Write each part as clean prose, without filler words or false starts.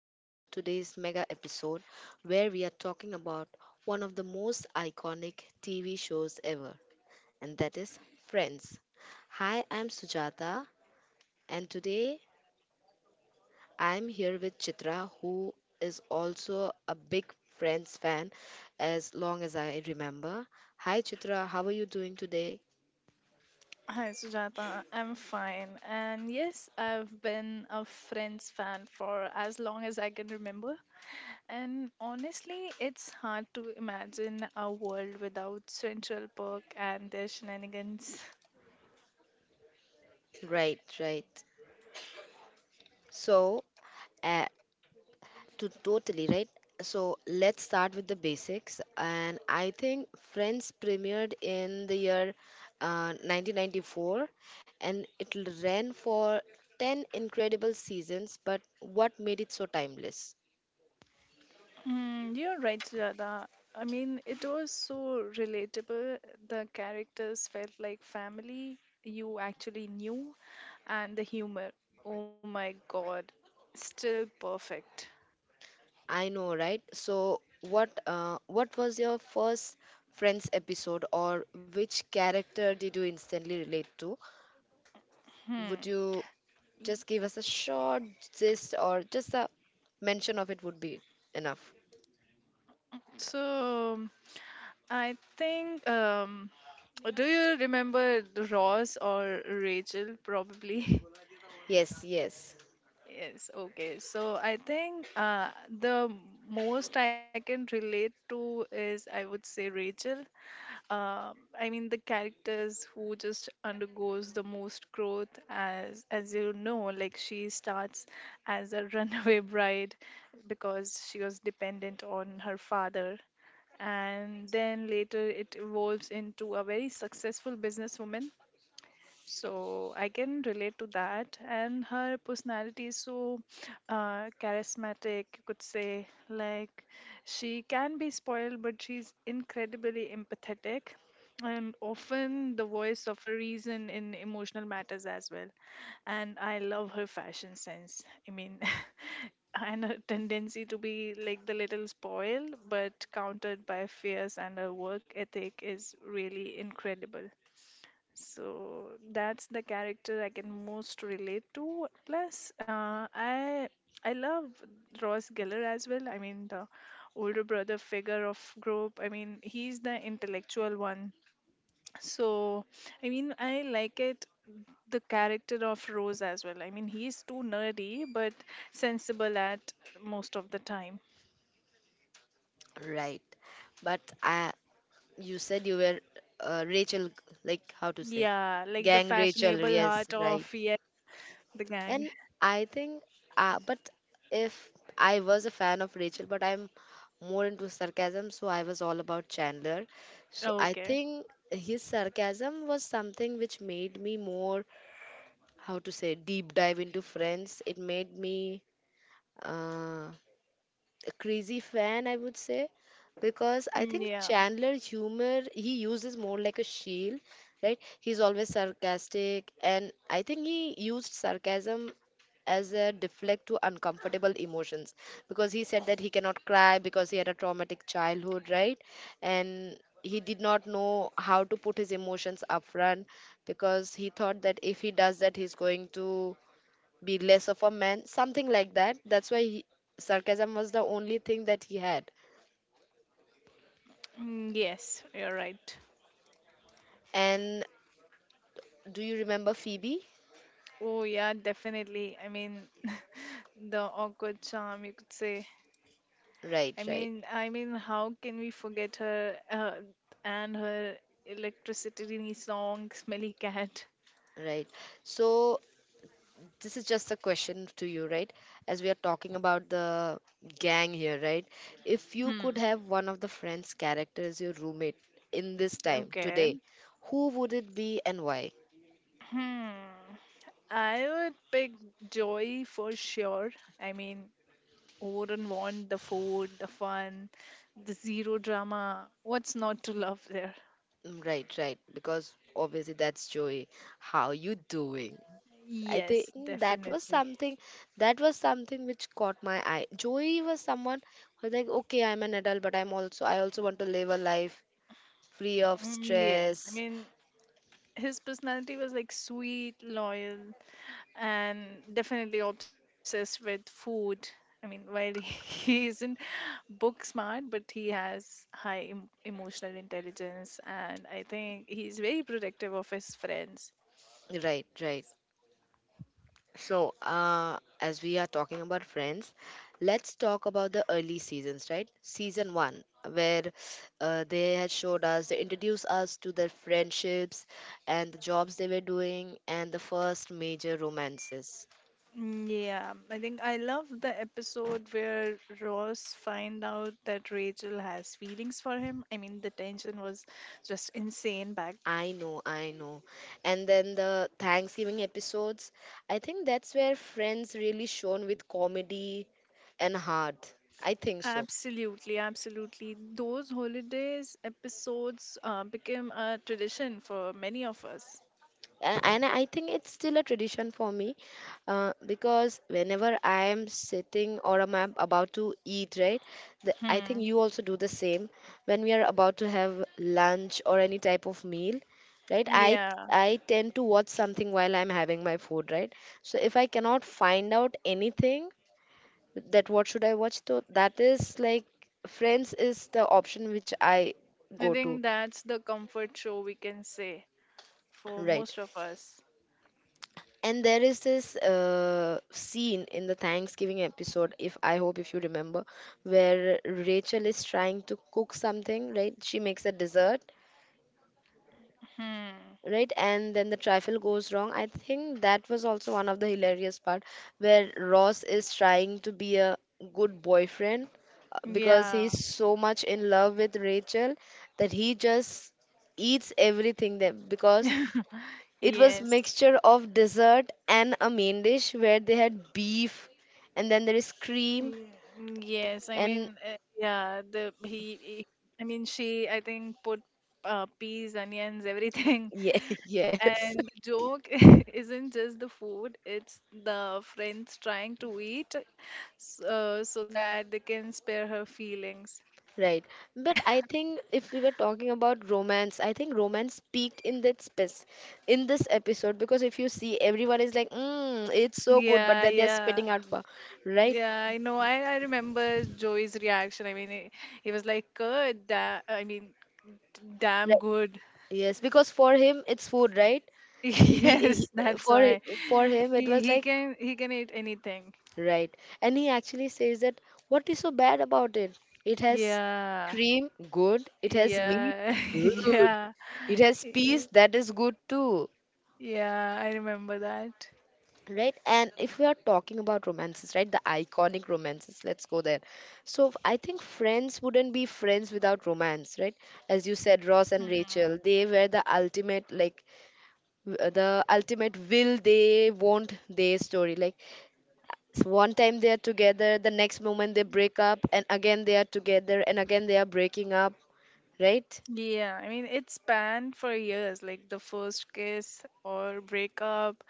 Welcome to today's mega episode where we are talking about one of the most iconic TV shows ever, and that is Friends. Hi, I'm Sujata, and today I'm here with Chitra, who is also a big Friends fan as long as I remember. Hi, Chitra, how are you doing today? Hi, Sujata. I'm fine. And yes, I've been a Friends fan for as long as I can remember. And honestly, it's hard to imagine a world without Central Park and their shenanigans. Right, right. So, uh, to totally right so let's start with the basics, and I think Friends premiered in the year 1994, and it ran for 10 incredible seasons. But what made it so timeless? You're right, Sujata. I mean, it was so relatable. The characters felt like family you actually knew, and the humor. Oh my god, still perfect. I know, right? So what was your first Friends episode, or which character did you instantly relate to? Hmm. Would you just give us a short gist, or just a mention of it would be enough? So, I think. Do you remember Ross or Rachel? Probably. Yes, yes, Yes, okay. So I think the most I can relate to is I would say Rachel. Uh, I mean the characters who just undergoes the most growth as you know, like she starts as a runaway bride because she was dependent on her father and then later it evolves into a very successful businesswoman, so I can relate to that. And her personality is so charismatic, you could say. Like, she can be spoiled, but she's incredibly empathetic and often the voice of a reason in emotional matters as well. And I love her fashion sense. I mean, and her tendency to be like the little spoiled, but countered by fierce and her work ethic is really incredible. So that's the character I can most relate to. Plus, I love Ross Geller as well. I mean, the older brother figure of group. I mean, he's the intellectual one. So, I mean, I like it the character of Rose as well. I mean, he's too nerdy but sensible at most of the time. right. But you said you were Rachel, like how to say, Yeah, like the gang Rachel. fashionable Yes, heart right. of, yeah, the gang. And I think, but if I was a fan of Rachel, but I'm more into sarcasm, so I was all about Chandler. So I Okay. think his sarcasm was something which made me more, how to say, deep dive into Friends. It made me. Uh, a crazy fan, I would say, because I Mm, think yeah. Chandler humor he uses more like a shield, right? He's always sarcastic, and I think he used sarcasm as a deflect to uncomfortable emotions because he said that he cannot cry because he had a traumatic childhood, right? And he did not know how to put his emotions up front because he thought that if he does that he's going to be less of a man, something like that. That's why sarcasm was the only thing that he had. Mm, yes, you're right. And do you remember Phoebe? Oh, yeah, definitely. I mean, the awkward charm, you could say. Right, I right, mean, I mean, how can we forget her and her electricity song, Smelly Cat? right. So this is just a question to you, right? As we are talking about the gang here, right? If you could Hmm. have one of the friend's character as your roommate in this time Okay. today, who would it be and why? Hmm. I would pick Joy for sure. I mean, who wouldn't want the food, the fun, the zero drama? What's not to love there? Mm, right, right. Because obviously that's Joey. How you doing? I think Yes, that was definitely. something that was something which caught my eye. Joey was someone who was like, okay, I'm an adult, but I also want to live a life free of Mm, yes, I stress. mean, his personality was like sweet, loyal, and definitely obsessed with food. I mean, while he he isn't book smart, but he has high emotional intelligence, and I think he's very protective of his friends. Right, right. So, as we are talking about Friends, let's talk about the early seasons, right? Season one, where they introduced us to their friendships and the jobs they were doing and the first major romances. Yeah, I think I love the episode where Ross find out that Rachel has feelings for him. I mean, the tension was just insane back. I know, I know. And then the Thanksgiving episodes, I think that's where Friends really shone with comedy and heart. I think so. Absolutely, absolutely. Those holidays episodes became a tradition for many of us. And I think it's still a tradition for me because whenever I'm sitting or am I about to eat, right? I think Hmm. you also do the same when we are about to have lunch or any type of meal, right? I Yeah, I tend to watch something while I'm having my food, right? So if I cannot find out anything, that what should I watch, so that is like Friends is the option which I go I to. think that's the comfort show we can say for Right. most of us. And there is this scene in the Thanksgiving episode, if I hope if you remember, where Rachel is trying to cook something, right? She makes a dessert, Hmm. right? And then the trifle goes wrong. I think that was also one of the hilarious part where Ross is trying to be a good boyfriend, because Yeah. he's so much in love with Rachel that he just eats everything there, because it was Yes. mixture of dessert and a main dish where they had beef and then there is cream. Mm, yes. I And mean, yeah. The he, he. I mean, she. I think put peas, onions, everything. yeah, yes. And the joke isn't just the food, it's the friends trying to eat, so that they can spare her feelings. Right. But I think if we were talking about romance, I think romance peaked in that space in this episode because if you see everyone is like, mm, it's so good, but Yeah, then they're yeah. spitting out bar. Right? Yeah, I know. I remember Joey's reaction. I mean, he was like, good, I mean, Right. damn good. Yes, because for him it's food, right? He, Yes, he that's for why. for him it He, was he like, can he can eat anything. right. And he actually says that, what is so bad about it? It has Yeah. cream, good. It has meat. Yeah. Yeah. It has peas, Y- that is good too. Yeah, I remember that. Right, and if we are talking about romances, right, the iconic romances, let's go there. So I think Friends wouldn't be Friends without romance, right? As you said, Ross and Rachel, they were the ultimate, like, the ultimate will they, won't they story. Like, one time they are together, the next moment they break up, and again they are together, and again they are breaking up, right? Yeah, I mean it spanned for years, like the first kiss or breakup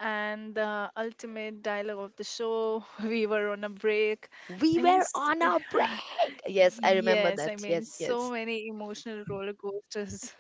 and the ultimate dialogue of the show. We were on a break. We I mean, were on a break. Yes, I remember yes, that. I mean Yes, so yes. many emotional roller coasters.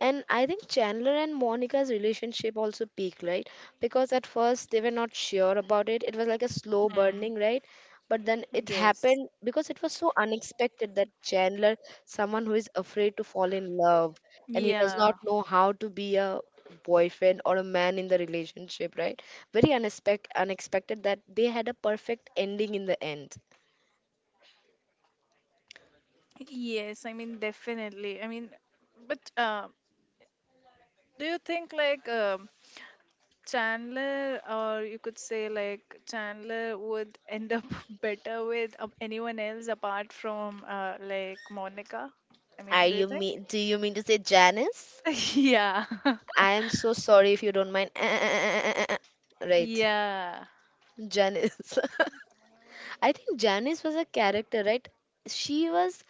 And I think Chandler and Monica's relationship also peaked, right? Because at first they were not sure about it. It was like a slow Hmm, burning, right? But then it yes. happened because it was so unexpected that Chandler, someone who is afraid to fall in love and he does not Yeah. know how to be a boyfriend or a man in the relationship, right? Very unexpected that they had a perfect ending in the end. Yes, I mean definitely. I mean, but do you think like Chandler, or you could say like Chandler would end up better with anyone else apart from like Monica. I mean, Are do you you think? mean? Do you mean to say Janice? Yeah. I am so sorry if you don't mind. Right. Yeah. Janice. I think Janice was a character, right? She was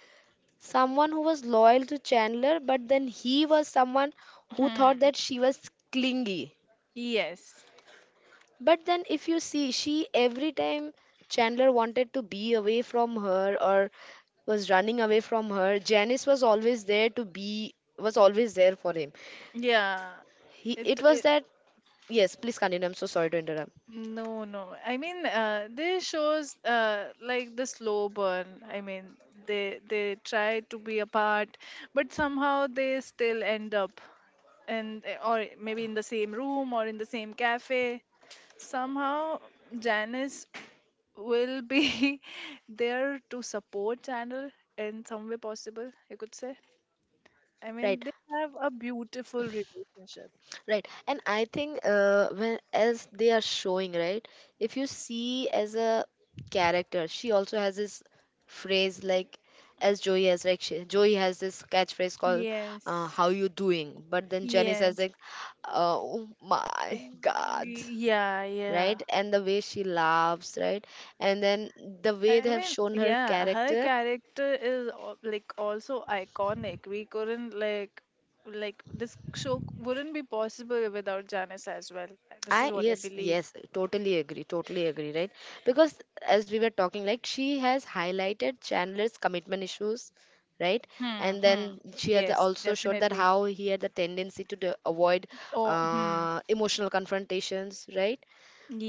someone who was loyal to Chandler, but then he was someone who thought Hmm. that she was clingy. Yes. But then, if you see, she every time Chandler wanted to be away from her or was running away from her, Janice was always there was always there for him. Yeah. He, It, it was it that, yes, please continue. I'm so sorry to interrupt. No. I mean they shows like the slow burn. I mean they try to be apart but somehow they still end up. And or maybe in the same room or in the same cafe, somehow Janice will be there to support channel in some way possible, you could say. I mean Right. they have a beautiful relationship. Right. And I think when as they are showing, right, if you see as a character, she also has this phrase like as Joey has, like Joey has this catchphrase called Yes, "How you doing?" But then Jenny says yes. like, "Oh my Oh, God." Yeah, yeah. Right, and the way she laughs, right, and then the way they I have mean, shown her yeah, her character. character is like also iconic. We couldn't like this show wouldn't be possible without Janice as well. This I is what I yes believe. yes totally agree Right. Because as we were talking, like she has highlighted Chandler's commitment issues, right? Hmm, And hmm. then she had Yes, also showed that definitely. how he had the tendency avoid Oh, hmm. Emotional confrontations, right?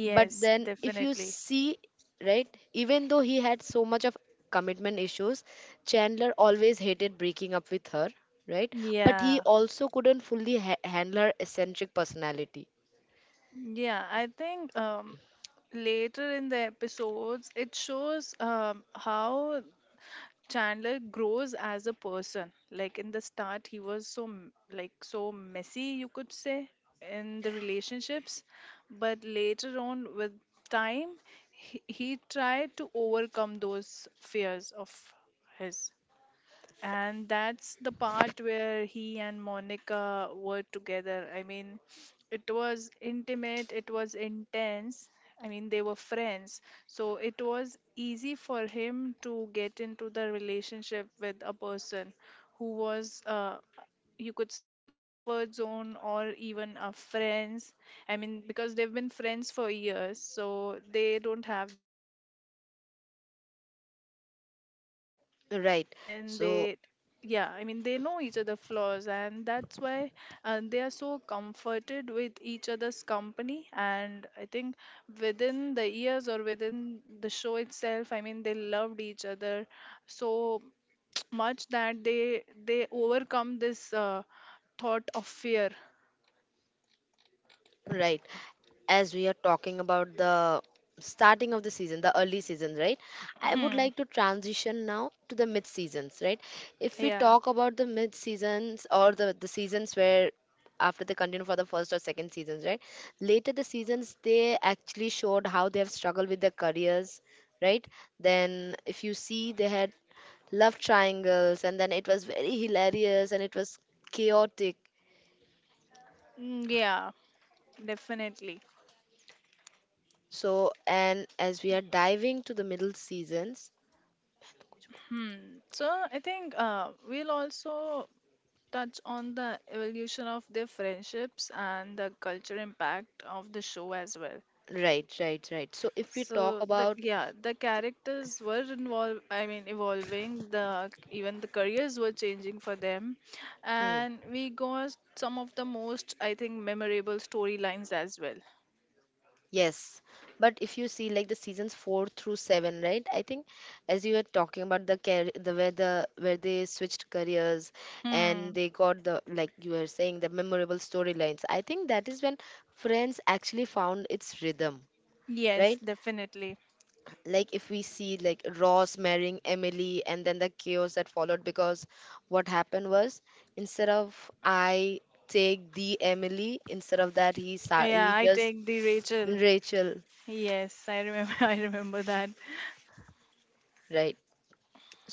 But then if you definitely. see, right, even though he had so much of commitment issues, Chandler always hated breaking up with her, right? But he Yeah. also couldn't fully handle her eccentric personality. Yeah, I think later in the episodes it shows how Chandler grows as a person. Like in the start, he was so like so messy, you could say, in the relationships, but later on with time, he tried to overcome those fears of his, and that's the part where he and Monica were together. I mean, it was intimate, it was intense. I mean, they were friends, so it was easy for him to get into the relationship with a person who was, you could say, a comfort zone or even a friends. I mean, because they've been friends for years, so they don't have this awkward getting to know feeling, Right. and then So, they, yeah, I mean they know each other flaws, and that's why they are so comforted with each other's company. And I think within the years or within the show itself, I mean they loved each other so much that they overcome this thought of fear. right. As we are talking about the starting of the season, the early seasons, right? I would Hmm. like to transition now to the mid seasons, right? If we Yeah. talk about the mid seasons or the seasons where after they continue for the first or second seasons, right? Later the seasons they actually showed how they have struggled with their careers, right? Then if you see they had love triangles, and then it was very hilarious and it was chaotic. Mm, yeah, definitely. So, and as we are diving to the middle seasons, Hmm. So I think we'll also touch on the evolution of their friendships and the culture impact of the show as well. right, right, right. So, if we talk So the, about, yeah, the characters were involved. I mean, evolving. The even the careers were changing for them, hmm, and we got some of the most I think memorable storylines as well. yes, but if you see like the seasons 4 through 7, right? I think as you were talking about the where they switched careers and Hmm. they got the like you were saying, the memorable storylines. I think that is when Friends actually found its rhythm, Yes, right? definitely. Like if we see like Ross marrying Emily, and then the chaos that followed because what happened was, instead of I take the Emily, instead of that he sa- Yeah, he I just take the Rachel. Rachel, Yes, I remember. I remember that. right?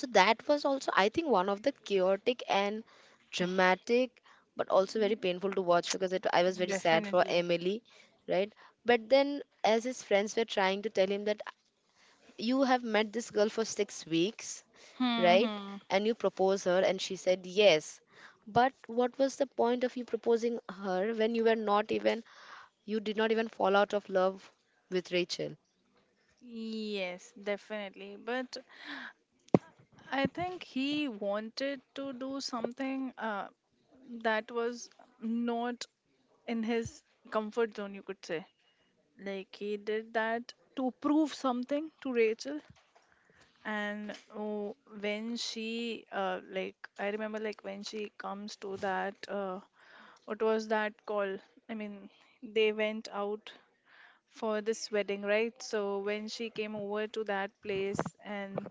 So that was also, I think, one of the chaotic and dramatic, but also very painful to watch, because I was very sad for Definitely. Emily, right? But then as his friends were trying to tell him that you have met this girl for 6 weeks, Hmm, right? hmm. And you propose her, and she said yes. But what was the point of you proposing her when you were not even, you did not even fall out of love with Rachel? Yes, definitely. But I think he wanted to do something that was not in his comfort zone, you could say. Like, he did that to prove something to Rachel. And oh, when she, like, I remember, like, when she comes to that, what was that call? I mean, they went out for this wedding, right? So when she came over to that place, and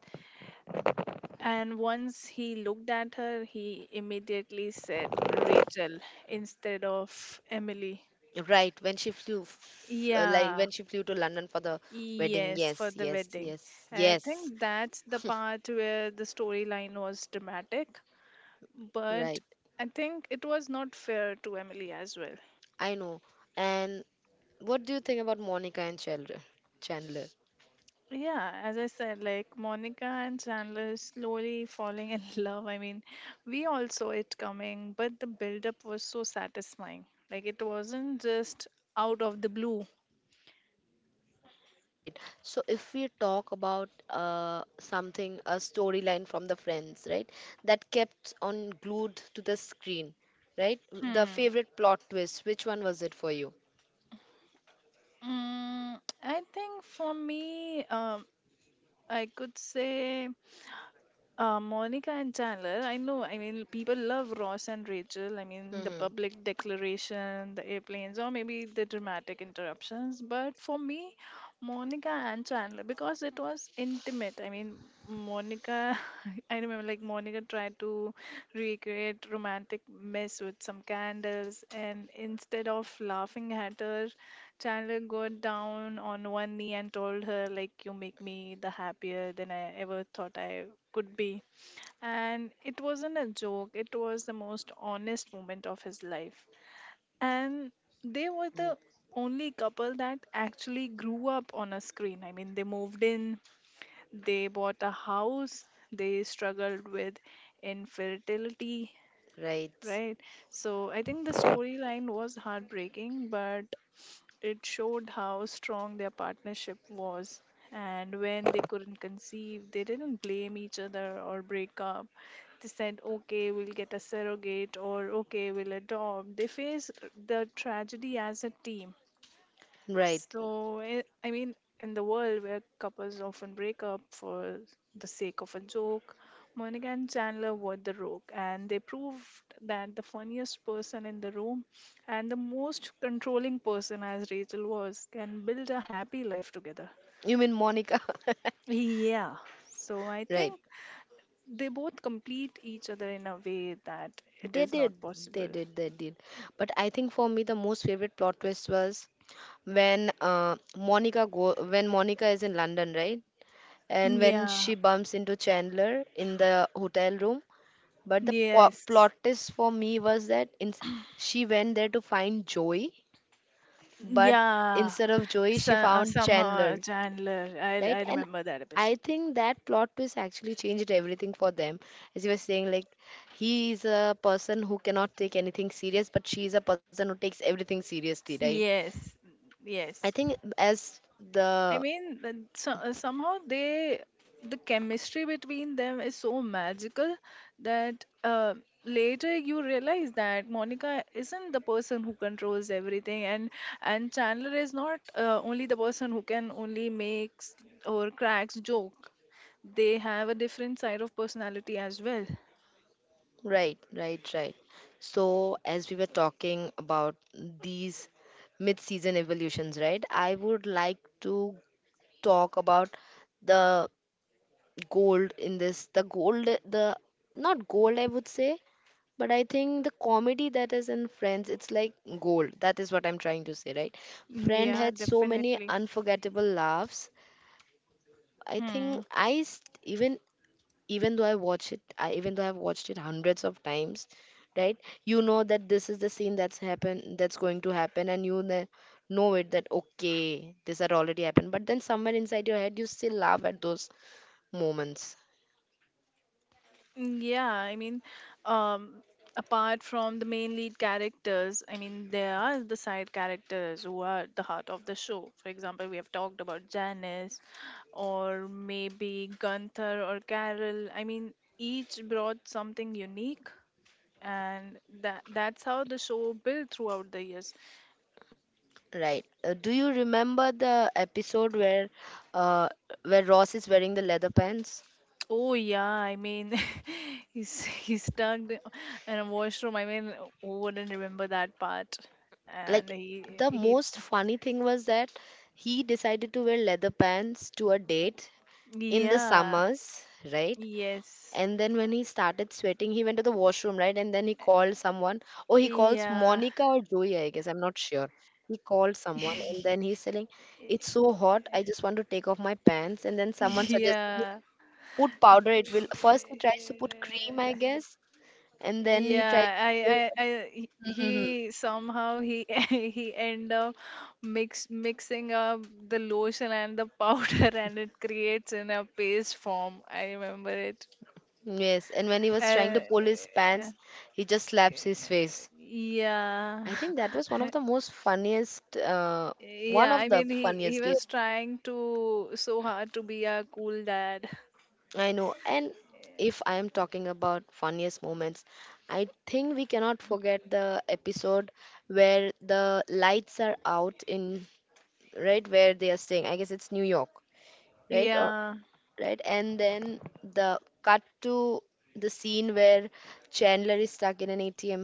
And once he looked at her, he immediately said Rachel instead of Emily. Right, Yeah, when she flew to London for the wedding. yes, for Yes, the yes, wedding. yes, And I yes. think that's the part where the storyline was dramatic, but Right, I think it was not fair to Emily as well. I know. And what do you think about Monica and Chandler? Chandler. Yeah, as I said, like Monica and Chandler slowly falling in love. I mean, we all saw it coming, but the build up was so satisfying. Like it wasn't just out of the blue. Right. So if we talk about a storyline from the Friends, right, that kept on glued to the screen, right? The Hmm. favorite plot twist, which one was it for you? Mm, I think for me, I could say. Monica and Chandler, I know, I mean, people love Ross and Rachel. I mean, the Mm-hmm. public declaration, the airplanes, or maybe the dramatic interruptions. But for me, Monica and Chandler, because it was intimate. I mean, Monica, I remember like Monica tried to recreate romantic mess with some candles, and instead of laughing at her, Chandler got down on one knee and told her, like, you make me the happier than I ever thought I could be. And it wasn't a joke, it was the most honest moment of his life. And they Mm, were the only couple that actually grew up on a screen. I mean, they moved in, they bought a house, they struggled with infertility, right. right? So I think the storyline was heartbreaking, but it showed how strong their partnership was. And when they couldn't conceive, they didn't blame each other or break up. They said, okay, we'll get a surrogate or okay, we'll adopt. They faced the tragedy as a team. Right. So, I mean, in the world where couples often break up for the sake of a joke, Monica and Chandler were the rogue, and they proved that the funniest person in the room and the most controlling person, as Rachel was, can build a happy life together. You mean Monica? Yeah. So, I Right. think they both complete each other in a way that it They is did. not They possible. did. They did. But I think for me, the most favorite plot twist was when Monica is in London, right? And when Yeah. she bumps into Chandler in the hotel room. But the Yes. plot twist for me was that she went there to find Joey, but Yeah, instead of Joey, so, she found somehow Chandler, Chandler. I right? I And remember that episode. I think that plot twist actually changed everything for them. As you were saying, like, he is a person who cannot take anything serious, but she is a person who takes everything seriously, right? Yes, I yes. think as I the mean, so, somehow they, the chemistry between them is so magical that later you realize that Monica isn't the person who controls everything, and Chandler is not only the person who can only makes or cracks joke. They have a different side of personality as well. right, right, right. So as we were talking about these mid-season evolutions, right? I would like to talk about the gold in this. The gold, the not gold, I would say, but I think the comedy that is in Friends, it's like gold. That is what I'm trying to say, right? Friend Yeah, had so many definitely. unforgettable laughs. I Hmm. think I st- even Even though I watch it, I even though I've watched it hundreds of times, right? You know that this is the scene that's going to happen, and know it that okay, this had already happened. But then somewhere inside your head, you still laugh at those moments. Yeah, I mean, um, apart from the main lead characters, I mean, there are the side characters who are the heart of the show. For example, we have talked about Janice or maybe Gunther or Carol. I mean, each brought something unique, and that's how the show built throughout the years. Right, do you remember the episode uh, where Ross is wearing the leather pants? Oh yeah, I mean, he's stuck in a washroom. I mean, who wouldn't remember that part? And Like, he the he most funny thing was that he decided to wear leather pants to a date in the Yeah. summers, right? Yes. And then when he started sweating he went to the washroom, right? And then he called someone. Oh, he calls Yeah. Monica or Joey, I guess I'm not sure. He called someone and then he's saying it's so hot, I just want to take off my pants. And then someone Yeah. suggested Yeah, put powder, it will— first he tries to put cream, I guess, and then he tries yeah, to he Mhm. he somehow he he end up mixing up the lotion and the powder, and it creates in a paste form. I remember it. Yes, and when he was trying Uh, to pull his pants he just slaps his face. yeah, I think that was one of the most funniest one yeah. of I the mean, he funniest. Yes, was trying to so hard to be a cool dad. I know. And if I am talking about funniest moments, I think we cannot forget the episode where the lights are out in— right, where they are staying, I guess it's New York, right? Or Yeah. right? And then the cut to the scene where Chandler is stuck in an ATM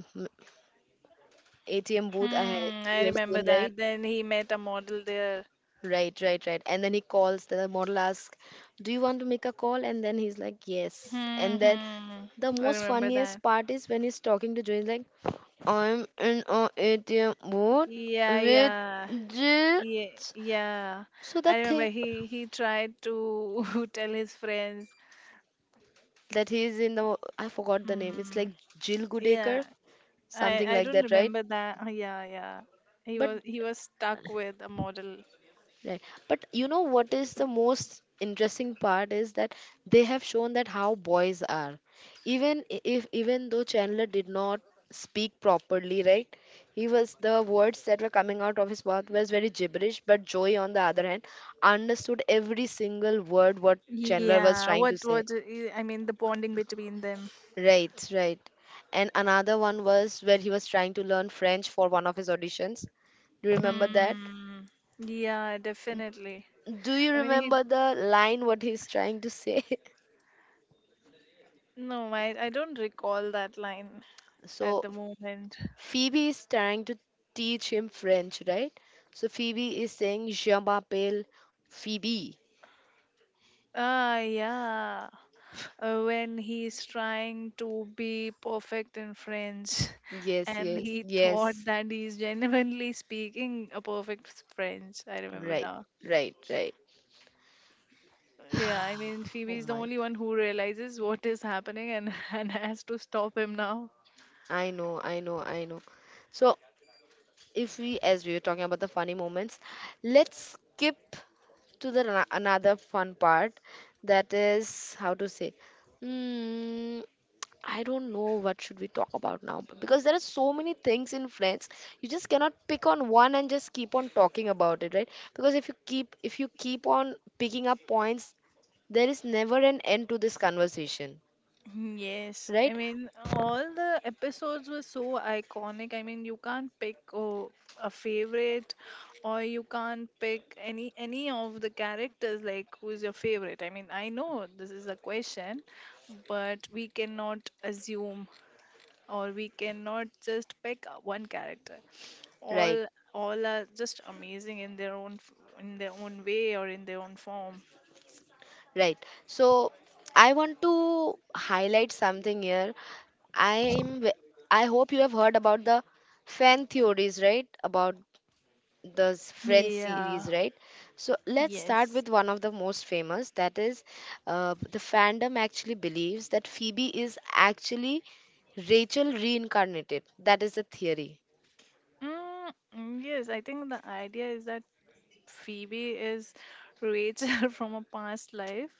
ATM booth. Hmm. I You have remember seen, right? that. Then he met a model there. Right, right, right. And then he calls. The model asks, "Do you want to make a call?" And then he's like, "Yes." Hmm, And then hmm. the I most remember that. funniest part is when he's talking to Joe. He's like, "I'm in a ATM booth Yeah, with yeah. Jill." Yeah, yeah. So the I remember thing he tried to tell his friends. that he's in the— I forgot the name. It's like Hmm. Jill Yeah. Goodacre, I something I like don't that, right? remember that. Oh, yeah, yeah. He But— was he was stuck with a model. right. But you know what is the most interesting part is that they have shown that how boys are. Even if even though Chandler did not speak properly, right? He was— the words that were coming out of his mouth was very gibberish, but Joey on the other hand understood every single word what Chandler was Yeah. trying What to say. was it- eh, I mean the bonding between them. Right, right. And another one was where he was trying to learn French for one of his auditions. Do you remember that? Hmm. Yeah, definitely. Do you I mean, he remember the line what he's trying to say? no, I don't recall that line at So the moment. Phoebe is trying to teach him French, right? So Phoebe is saying Je m'appelle Phoebe. Ah, yeah. When he's trying to be perfect in French Yes, and yes, he thought yes. that he's genuinely speaking a French. I remember Right, now. right, right. Yeah, I mean, Oh Phoebe is the my. Only one who realizes what is happening, and, and has to stop him now. I know, I know, I know. So if we, as we were talking about the funny moments, let's skip to the another fun part. That is how to say. mm, I don't know what should we talk about now because there are so many things in friends. You just cannot pick on one and just keep on talking about it, right? Because if you keep on picking up points, there is never an end to this conversation, Yes, I right? mean, all the episodes were so iconic. I mean, you can't pick a favorite, or you can't pick any of the characters like who's your favorite. I mean, I know this is a question, but we cannot assume or we cannot just pick one character. Right. All all are just amazing in their own in their own way or in their own form. Right. So I want to highlight something here. I'm ve- I hope you have heard about the fan theories, right? About the Friends Yeah. series, right? So let's start Yes. with one of the most famous. That is, the fandom actually believes that Phoebe is actually Rachel reincarnated. That is the theory. Yes, I think the idea is that Phoebe is Rachel from a past life,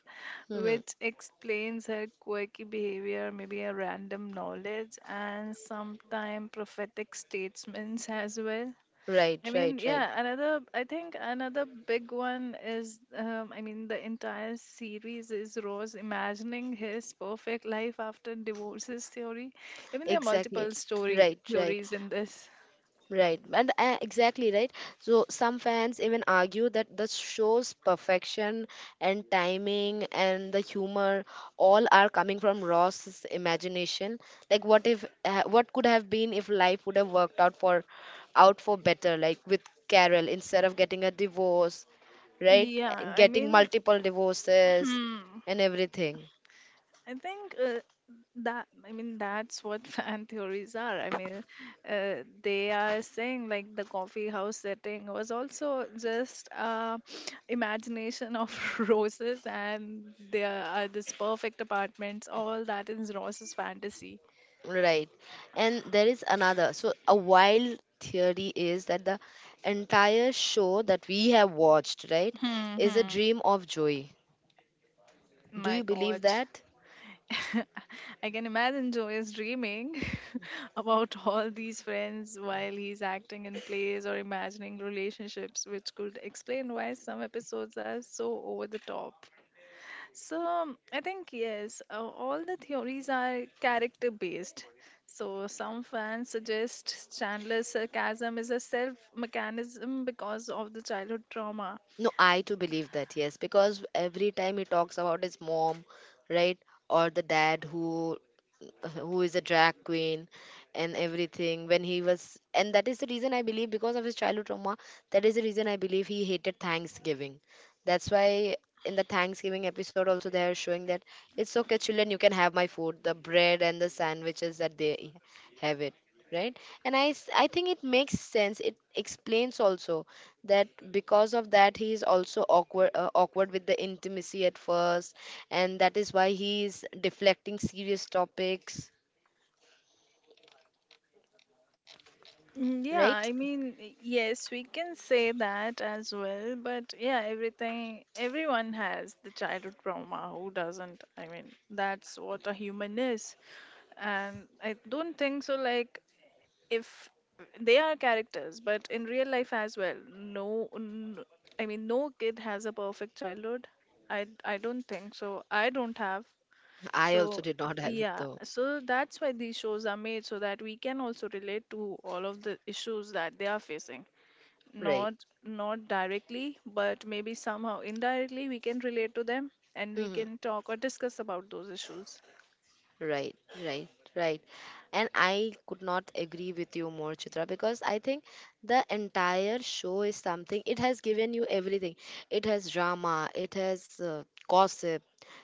Hmm. which explains her quirky behavior, maybe a random knowledge, and sometimes prophetic statements as well. Right, I mean, right, right. yeah, another, I think another big one is, I mean, the entire series is Rose imagining his perfect life after divorces theory. I mean, there are Exactly. multiple story Right, right. theories in this. Right, and exactly right. So some fans even argue that the show's perfection and timing and the humor all are coming from Ross's imagination. Like, what if, what could have been if life would have worked out out for better? Like with Carol, instead of getting a divorce, right, Yeah, I getting mean, multiple divorces and everything. I think that I mean that's what fan theories are. I mean, they are saying like the coffee house setting was also just imagination of roses, and there are this perfect apartments. All that is Rose's fantasy. Right. And there is another. So, a wild theory is that the entire show that we have watched, right, Hmm, is a hmm. dream of Joey. Do My you believe God. that? I can imagine Joe is dreaming about all these friends while he's acting in plays or imagining relationships, which could explain why some episodes are so over the top. So, I think, yes, all the theories are character based. So, some fans suggest Chandler's sarcasm is a self mechanism because of the childhood trauma. No, I too believe that, yes, because every time he talks about his mom, right, or the dad who— who is a drag queen and everything when he was— and that is the reason I believe because of his childhood trauma, that is the reason I believe he hated Thanksgiving. That's why in the Thanksgiving episode also they are showing that it's okay children you can have my food, the bread and the sandwiches that they have it, right. And I think it makes sense, it explains also that because of that he is also awkward awkward with the intimacy at first, and that is why he is deflecting serious topics, Yeah, right. I mean, yes, we can say that as well, but yeah, everything, everyone has the childhood trauma. Who doesn't? I mean, that's what a human is. And I don't think so, like, if they are characters, but in real life as well, I mean, no kid has a perfect childhood. I don't think so. I don't have. I also So, did not have it yeah, though. so that's why these shows are made so that we can also relate to all of the issues that they are facing. Right. Not not directly, but maybe somehow indirectly we can relate to them and we Hmm. can talk or discuss about those issues. Right, right, right. And I could not agree with you more, Chitra, because I think the entire show is something, it has given you everything. It has drama, it has gossip,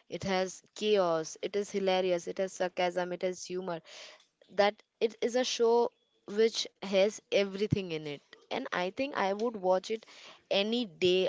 it has chaos, it is hilarious, it has sarcasm, it has humor, that it is a show which has everything in it. And I think I would watch it any day,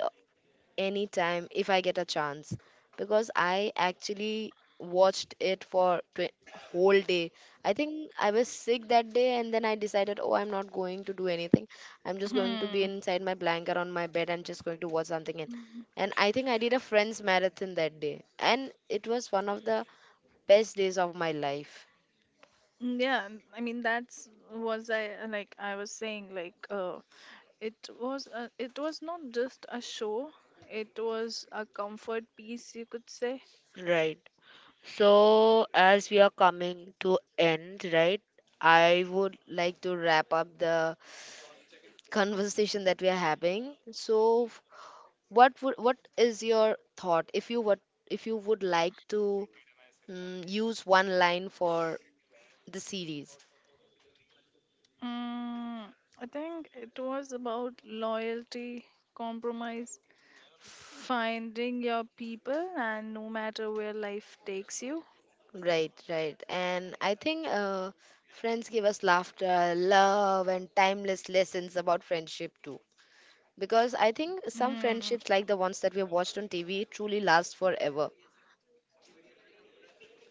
anytime if I get a chance. Because I actually watched it for whole day. I think I was sick that day and then I decided oh I'm not going to do anything, I'm just going to be Hmm. inside my blanket on my bed, I'm just going to watch something. and Mhm. and I think I did a Friends marathon that day and it was one of the best days of my life. Yeah, I mean that's was I like I was saying like it was not just a show, it was a comfort piece you could say. Right. So, as we are coming to end, right? I would like to wrap up the conversation that we are having. So, what would— what is your thought if you would— if you would like to use one line for the series? Mm, I think it was about loyalty, compromise, finding your people, and no matter where life takes you. Right, right. And I think friends give us laughter, love, and timeless lessons about friendship too. Because I think some Mm, friendships, like the ones that we have watched on TV, truly last forever.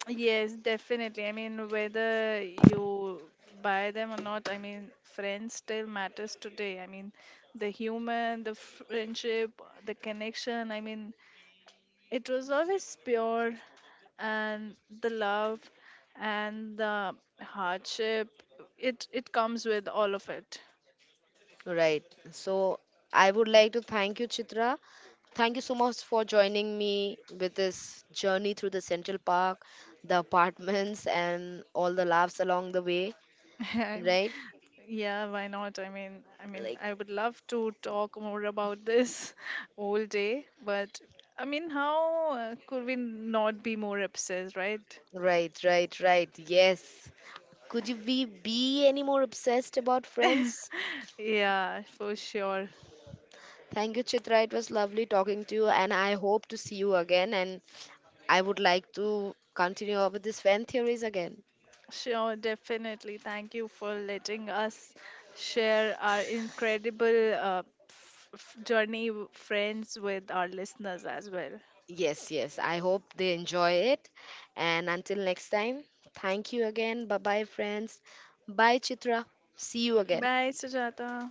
yes, definitely. I mean, whether you buy them or not, I mean, friends still matters today. I mean, the human, the friendship, the connection. I mean, it was always pure, and the love and the hardship. It comes with all of it. Right. So I would like to thank you, Chitra. Thank you so much for joining me with this journey through the Central Park, the apartments, and all the laughs along the way. I'm- Right? yeah, why not? I mean, Like, I would love to talk more about this all day, but I mean, how could we not be more obsessed, right? right, right, right. Yes. Could you be any more obsessed about friends? Yeah, for sure. Thank you, Chitra. It was lovely talking to you, and I hope to see you again. And I would like to continue over these fan theories again. Sure, definitely. Thank you for letting us share our incredible journey, friends, with our listeners as well. Yes, yes. I hope they enjoy it. And until next time, thank you again. Bye bye, friends. Bye, Chitra. See you again. Bye, Sujata.